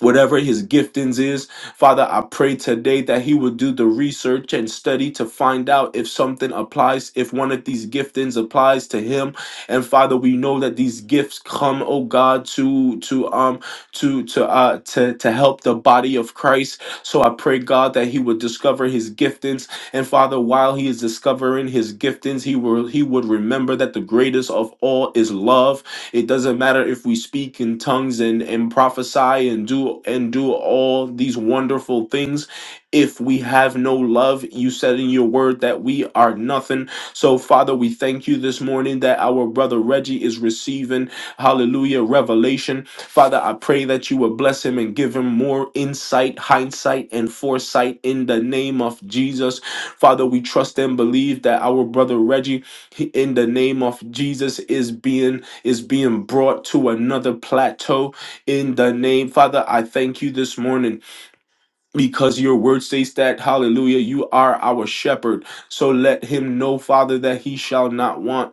whatever his giftings is. Father, I pray today that he will do the research and study to find out if something applies, if one of these giftings applies to him. And Father, we know that these gifts come, oh God, to to um to to uh to to help the body of Christ. So I pray God that he would discover his giftings. And Father, while he is discovering his giftings, he will he would remember that the greatest of all is love it doesn't matter if we speak in tongues and, and prophesy and do and do all these wonderful things. If we have no love, you said in your word that we are nothing. So, Father, we thank you this morning that our brother Reggie is receiving, hallelujah, revelation. Father, I pray that you would bless him and give him more insight, hindsight, and foresight in the name of Jesus. Father, we trust and believe that our brother Reggie, he- in the name of Jesus, is being is being brought to another plateau in the name. Father, I thank you this morning because your word says that, hallelujah, you are our shepherd. So let him know, Father, that he shall not want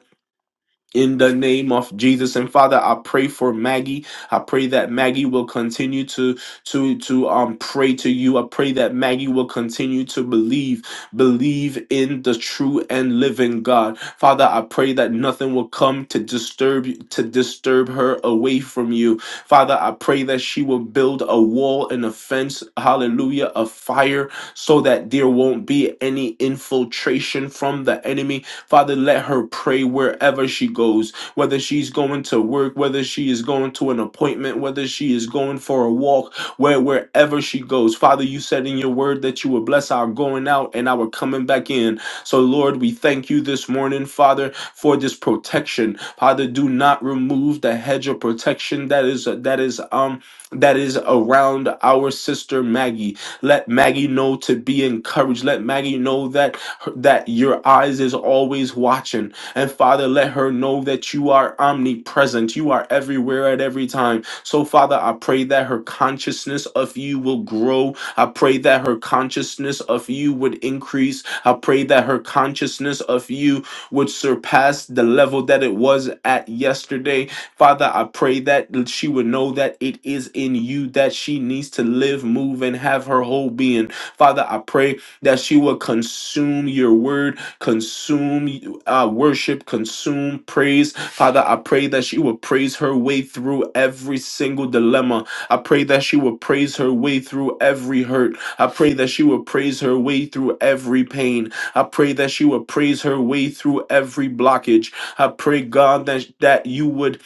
in the name of Jesus and Father I pray for Maggie I pray that Maggie will continue to to to um pray to you I pray that Maggie will continue to believe believe in the true and living God Father I pray that nothing will come to disturb to disturb her away from you Father I pray that she will build a wall and a fence hallelujah of fire so that there won't be any infiltration from the enemy Father, let her pray wherever she goes, whether she's going to work, whether she is going to an appointment, whether she is going for a walk, where wherever she goes. Father, you said in your word that you would bless our going out and our coming back in. So, Lord, we thank you this morning, Father, for this protection. Father, do not remove the hedge of protection that is that is um that is around our sister Maggie. Let Maggie know to be encouraged. Let Maggie know that that your eyes is always watching. And Father, let her know that you are omnipresent. You are everywhere at every time. So, Father, I pray that her consciousness of you will grow. I pray that her consciousness of you would increase. I pray that her consciousness of you would surpass the level that it was at yesterday. Father, I pray that she would know that it is in you that she needs to live, move, and have her whole being. Father, I pray that she will consume your word, consume uh, worship, consume praise. Father, I pray that she will praise her way through every single dilemma. I pray that she will praise her way through every hurt. I pray that she will praise her way through every pain. I pray that she will praise her way through every blockage. I pray, God, that, that you would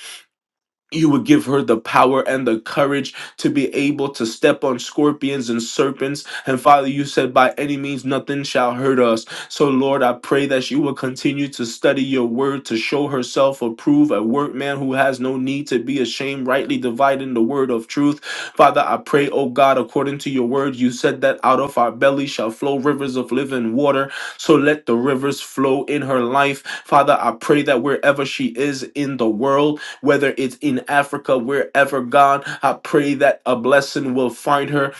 you would give her the power and the courage to be able to step on scorpions and serpents. And Father, you said, by any means, nothing shall hurt us. So, Lord, I pray that she will continue to study your word to show herself approved, a workman who has no need to be ashamed, rightly dividing the word of truth. Father, I pray, oh God, according to your word, you said that out of our belly shall flow rivers of living water. So let the rivers flow in her life. Father, I pray that wherever she is in the world, whether it's in Africa, wherever, God, I pray that a blessing will find her.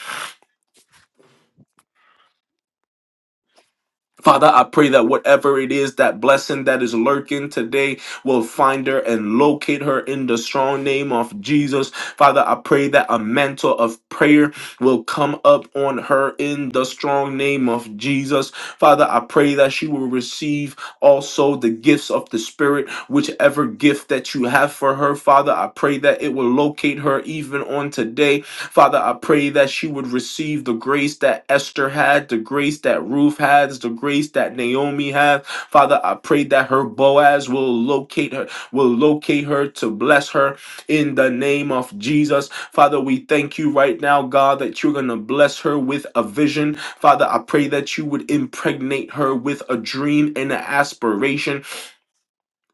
Father, I pray that whatever it is, that blessing that is lurking today will find her and locate her in the strong name of Jesus. Father, I pray that a mantle of prayer will come up on her in the strong name of Jesus. Father, I pray that she will receive also the gifts of the Spirit, whichever gift that you have for her. Father, I pray that it will locate her even on today Father, I pray that she would receive the grace that Esther had, the grace that Ruth has, the grace that Naomi had. Father, I pray that her Boaz will locate her, will locate her to bless her in the name of Jesus. Father, we thank you right now, God, that you're going to bless her with a vision. Father, I pray that you would impregnate her with a dream and an aspiration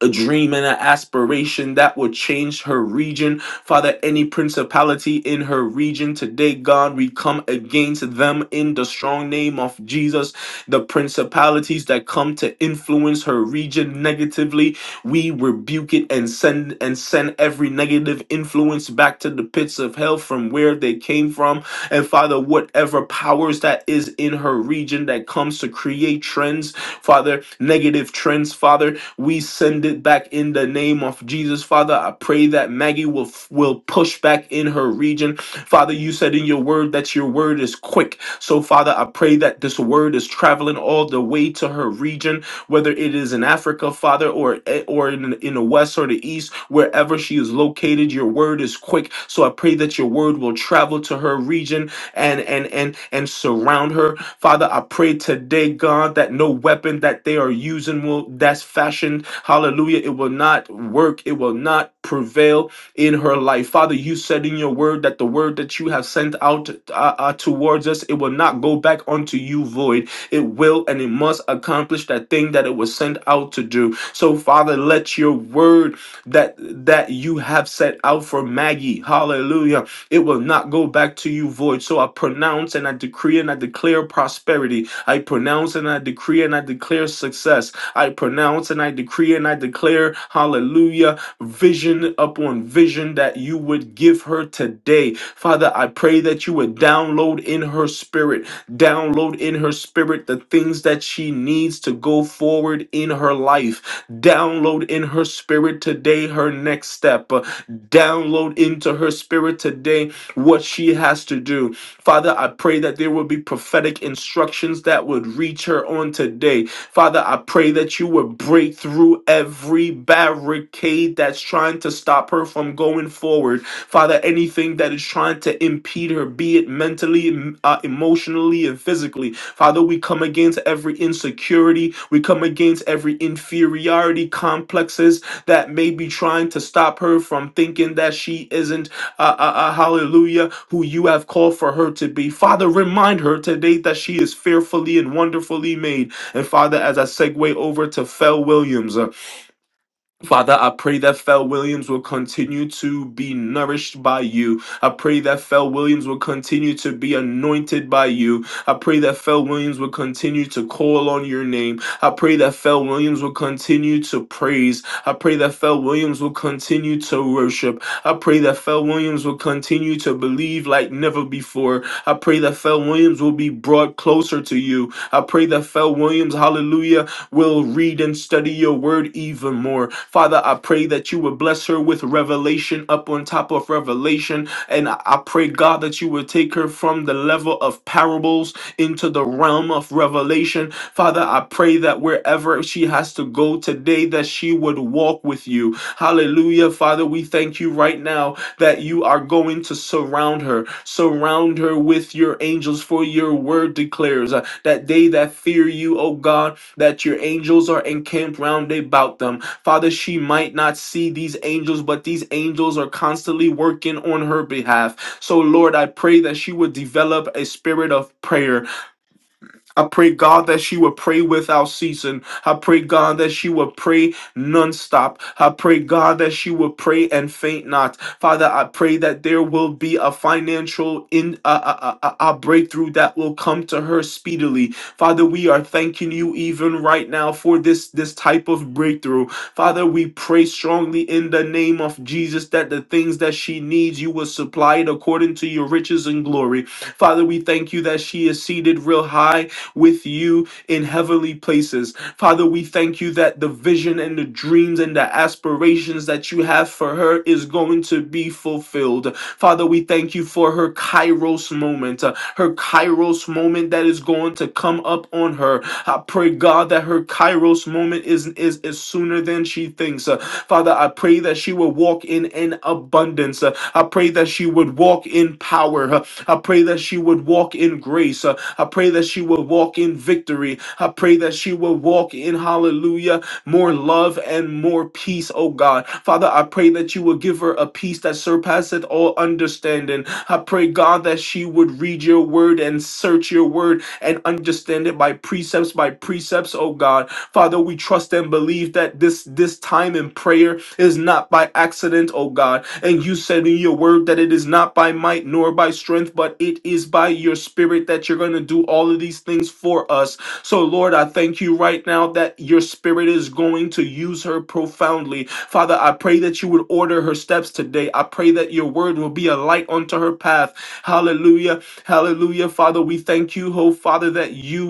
a dream and an aspiration that would change her region. Father, any principality in her region today, God, we come against them in the strong name of Jesus. The principalities that come to influence her region negatively, we rebuke it and send and send every negative influence back to the pits of hell from where they came from. And Father, whatever powers that is in her region that comes to create trends, Father, negative trends, Father. We send it back in the name of Jesus, Father. I pray that Maggie will will push back in her region. Father, you said in your word that your word is quick. So, Father, I pray that this word is traveling all the way to her region, whether it is in Africa, Father, or eh, or in, in the west or the east, wherever she is located, your word is quick. So I pray that your word will travel to her region and and and and surround her Father, I pray today, God, that no weapon that they are using will that's fashioned, hallelujah, it will not work, it will not prevail in her life. Father, you said in your word that the word that you have sent out uh, uh, towards us, it will not go back unto you void. It will and it must accomplish that thing that it was sent out to do. So, Father, let your word that that you have set out for Maggie, hallelujah it will not go back to you void. So I pronounce and I decree and I declare prosperity. I pronounce and I decree and I declare success. I pronounce and I decree and I declare, hallelujah, vision upon vision that you would give her today. Father, I pray that you would download in her spirit, download in her spirit the things that she needs to go forward in her life. Download in her spirit today her next step. Uh, Download into her spirit today what she has to do. Father, I pray that there will be prophetic instructions that would reach her on today. Father, I pray that you would break through every barricade that's trying to stop her from going forward. Father, anything that is trying to impede her, be it mentally, em- uh, emotionally, and physically. Father, we come against every insecurity. We come against every inferiority complexes that may be trying to stop her from thinking that she isn't, uh, uh, uh, hallelujah, who you have called for her to be. Father, remind her today that she is fearfully and wonderfully made. And Father, as I segue over to Fel Williams, uh, Father, I pray that Fel Williams will continue to be nourished by you. I pray that Fel Williams will continue to be anointed by you. I pray that Fel Williams will continue to call on your name. I pray that Fel Williams will continue to praise. I pray that Fel Williams will continue to worship. I pray that Fel Williams will continue to believe like never before. I pray that Fel Williams will be brought closer to you. I pray that Fel Williams, hallelujah, will read and study your word even more. Father, I pray that you would bless her with revelation up on top of revelation. And I I pray, God, that you would take her from the level of parables into the realm of revelation. Father, I pray that wherever she has to go today, that she would walk with you. Hallelujah. Father, we thank you right now that you are going to surround her. Surround her with your angels, for your word declares uh, that they that fear you, O God, that your angels are encamped round about them. Father, she might not see these angels, but these angels are constantly working on her behalf. So, Lord, I pray that she would develop a spirit of prayer I pray, God, that she will pray without ceasing. I pray, God, that she will pray nonstop. I pray, God, that she will pray and faint not. Father, I pray that there will be a financial in a, a, a, a a breakthrough that will come to her speedily. Father, we are thanking you even right now for this this type of breakthrough. Father, we pray strongly in the name of Jesus that the things that she needs, you will supply it according to your riches and glory. Father, we thank you that she is seated real high with you in heavenly places. Father, we thank you that the vision and the dreams and the aspirations that you have for her is going to be fulfilled. Father, we thank you for her Kairos moment, uh, her Kairos moment that is going to come up on her. I pray, God, that her Kairos moment is, is, is sooner than she thinks. Uh, Father, I pray that she will walk in an abundance. Uh, I pray that she would walk in power. Uh, I pray that she would walk in grace. Uh, I pray that she would walk in victory. I pray that she would walk in hallelujah, more love and more peace, oh God. Father, I pray that you would give her a peace that surpasseth all understanding. I pray, God, that she would read your word and search your word and understand it by precepts, by precepts, oh God. Father, we trust and believe that this this time in prayer is not by accident, oh God. And you said in your word that it is not by might nor by strength, but it is by your spirit that you're going to do all of these things for us. So, Lord, I thank you right now that your spirit is going to use her profoundly. Father, I pray that you would order her steps today. I pray that your word will be a light unto her path. Hallelujah. Hallelujah. Father, we thank you, oh Father, that you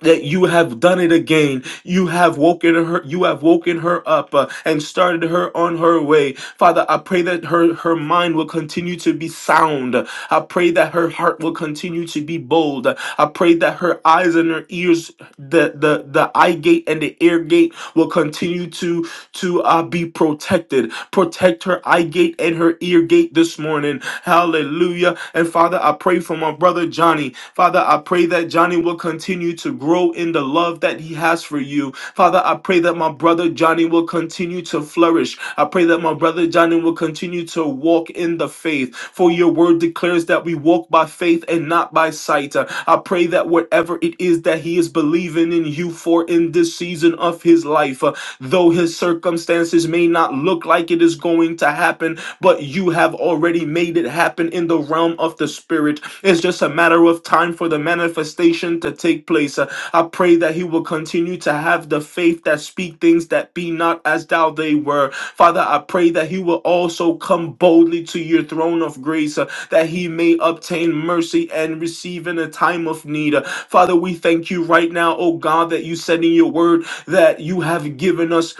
that you have done it again. You have woken her. You have woken her up uh, and started her on her way. Father, I pray that her her mind will continue to be sound. I pray that her heart will continue to be bold. I pray that her eyes and her ears, the the the eye gate and the ear gate, will continue to to uh, be protected. Protect her eye gate and her ear gate this morning. Hallelujah. And Father, I pray for my brother Johnny. Father, I pray that Johnny will continue to grow in the love that he has for you. Father, I pray that my brother Johnny will continue to flourish. I pray that my brother Johnny will continue to walk in the faith. For your word declares that we walk by faith and not by sight. Uh, I pray that whatever it is that he is believing in you for in this season of his life, uh, though his circumstances may not look like it is going to happen happen, but you have already made it happen in the realm of the spirit. It's just a matter of time for the manifestation to take place. Uh, I pray that he will continue to have the faith that speak things that be not as thou they were. Father, I pray that he will also come boldly to your throne of grace, uh, that he may obtain mercy and receive in a time of need. Uh, Father, we thank you right now, oh God, that you said in your word that you have given us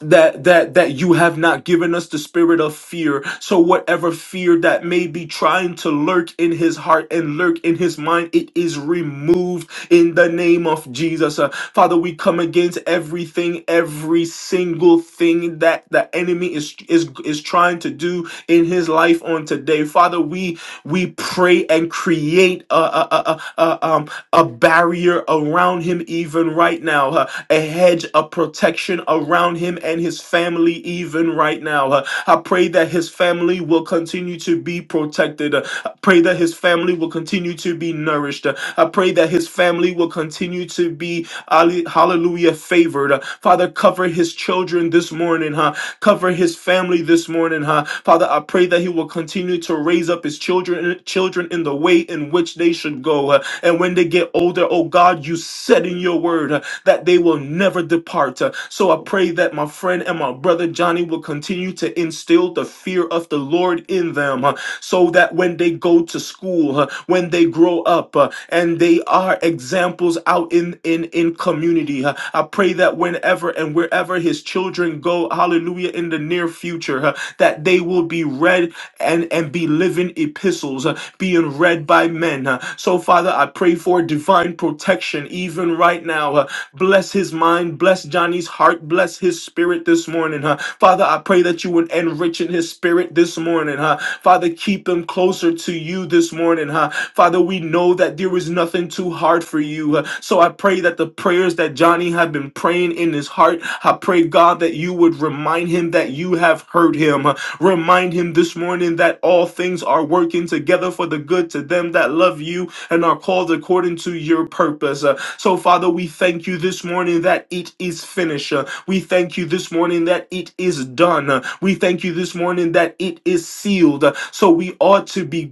that that that you have not given us the spirit of fear so whatever fear that may be trying to lurk in his heart and lurk in his mind it is removed in the name of jesus Uh, father we come against everything every single thing that the enemy is is is trying to do in his life on today father we we pray and create a a a, a, a, um, a barrier around him even right now Uh, a hedge of protection around him and his family, even right now. Uh, I pray that his family will continue to be protected. Uh, I pray that his family will continue to be nourished. Uh, I pray that his family will continue to be, alle- hallelujah, favored. Uh, Father, cover his children this morning, huh? Cover his family this morning, huh? Father, I pray that he will continue to raise up his children, children in the way in which they should go. uh, and when they get older, oh God, you said in your word. uh, that they will never depart. Uh, So I pray that my friend and my brother Johnny will continue to instill the fear of the Lord in them uh, so that when they go to school, uh, when they grow up, uh, and they are examples out in, in, in community. uh, I pray that whenever and wherever his children go, hallelujah, in the near future, uh, that they will be read and, and be living epistles uh, being read by men. uh. So, Father, I pray for divine protection even right now. uh. Bless his mind, bless Johnny's heart, bless his spirit this morning. uh. Father, I pray that you would enrich in his spirit this morning. uh. Father, keep him closer to you this morning. uh. Father, we know that there is nothing too hard for you. uh. So, I pray that the prayers that Johnny had been praying in his heart, I pray, God, that you would remind him that you have heard him. Uh, Remind him this morning that all things are working together for the good to them that love you and are called according to your purpose. Uh, So, Father, we thank you this morning that it is finished. Uh, We thank you this morning that it is done. Uh, We thank you this morning that it is sealed. Uh, So we ought to be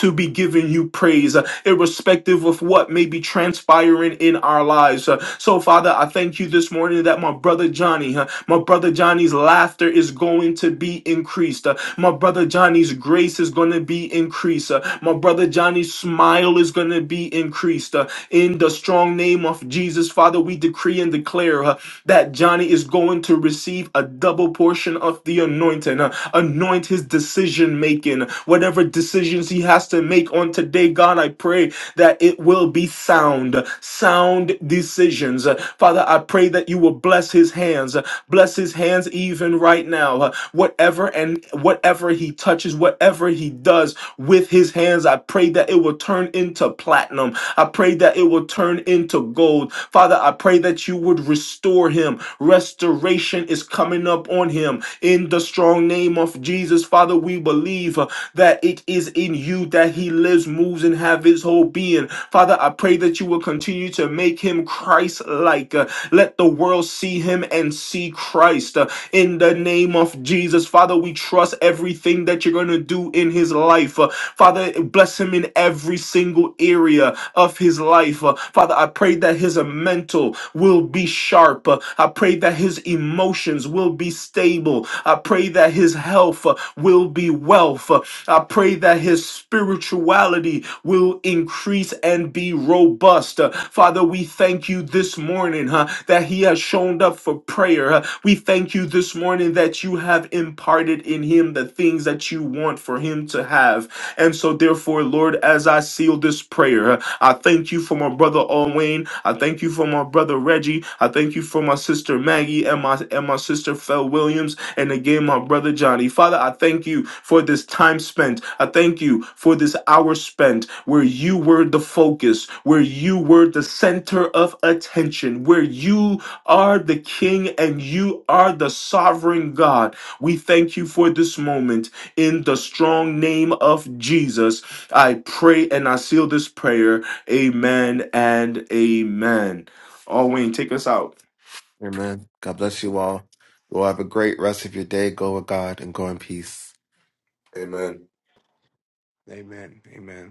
to be giving you praise, uh, irrespective of what may be transpiring in our lives. Uh, So, Father, I thank you this morning that my brother Johnny, uh, my brother Johnny's laughter is going to to be increased. Uh, my brother Johnny's grace is going to be increased. Uh, my brother Johnny's smile is going to be increased. Uh, in the strong name of Jesus, Father, we decree and declare uh, that Johnny is going to receive a double portion of the anointing. Uh, anoint his decision making. Whatever decisions he has to make on today, God, I pray that it will be sound, sound decisions. Uh, Father, I pray that you will bless his hands, uh, bless his hands even doing right now, uh, whatever and whatever he touches, whatever he does with his hands, I pray that it will turn into platinum. I pray that it will turn into gold. Father, I pray that you would restore him. Restoration is coming up on him in the strong name of Jesus. Father, we believe uh, that it is in you that he lives, moves, and have his whole being. Father, I pray that you will continue to make him Christ like. let the world see him and see Christ. Christ. Uh, In the name of Jesus, Father, we trust everything that you're going to do in his life. Uh, Father, bless him in every single area of his life. Uh, Father, I pray that his uh, mental will be sharp. Uh, I pray that his emotions will be stable. I pray that his health uh, will be wealth. Uh, I pray that his spirituality will increase and be robust. Uh, Father, we thank you this morning huh, that he has shown up for for prayer. Uh, We thank you this morning that you have imparted in him the things that you want for him to have. And so, therefore, Lord, as I seal this prayer, uh, I thank you for my brother Owen. I thank you for my brother Reggie. I thank you for my sister Maggie and my and my sister Fel Williams. And again, my brother Johnny. Father, I thank you for this time spent. I thank you for this hour spent where you were the focus, where you were the center of attention, where you are the King and you are the sovereign God. We thank you for this moment. In the strong name of Jesus, I pray and I seal this prayer. Amen and amen. Oh, Wayne, take us out. Amen. God bless you all. You all have a great rest of your day. Go with God and go in peace. Amen. Amen. Amen.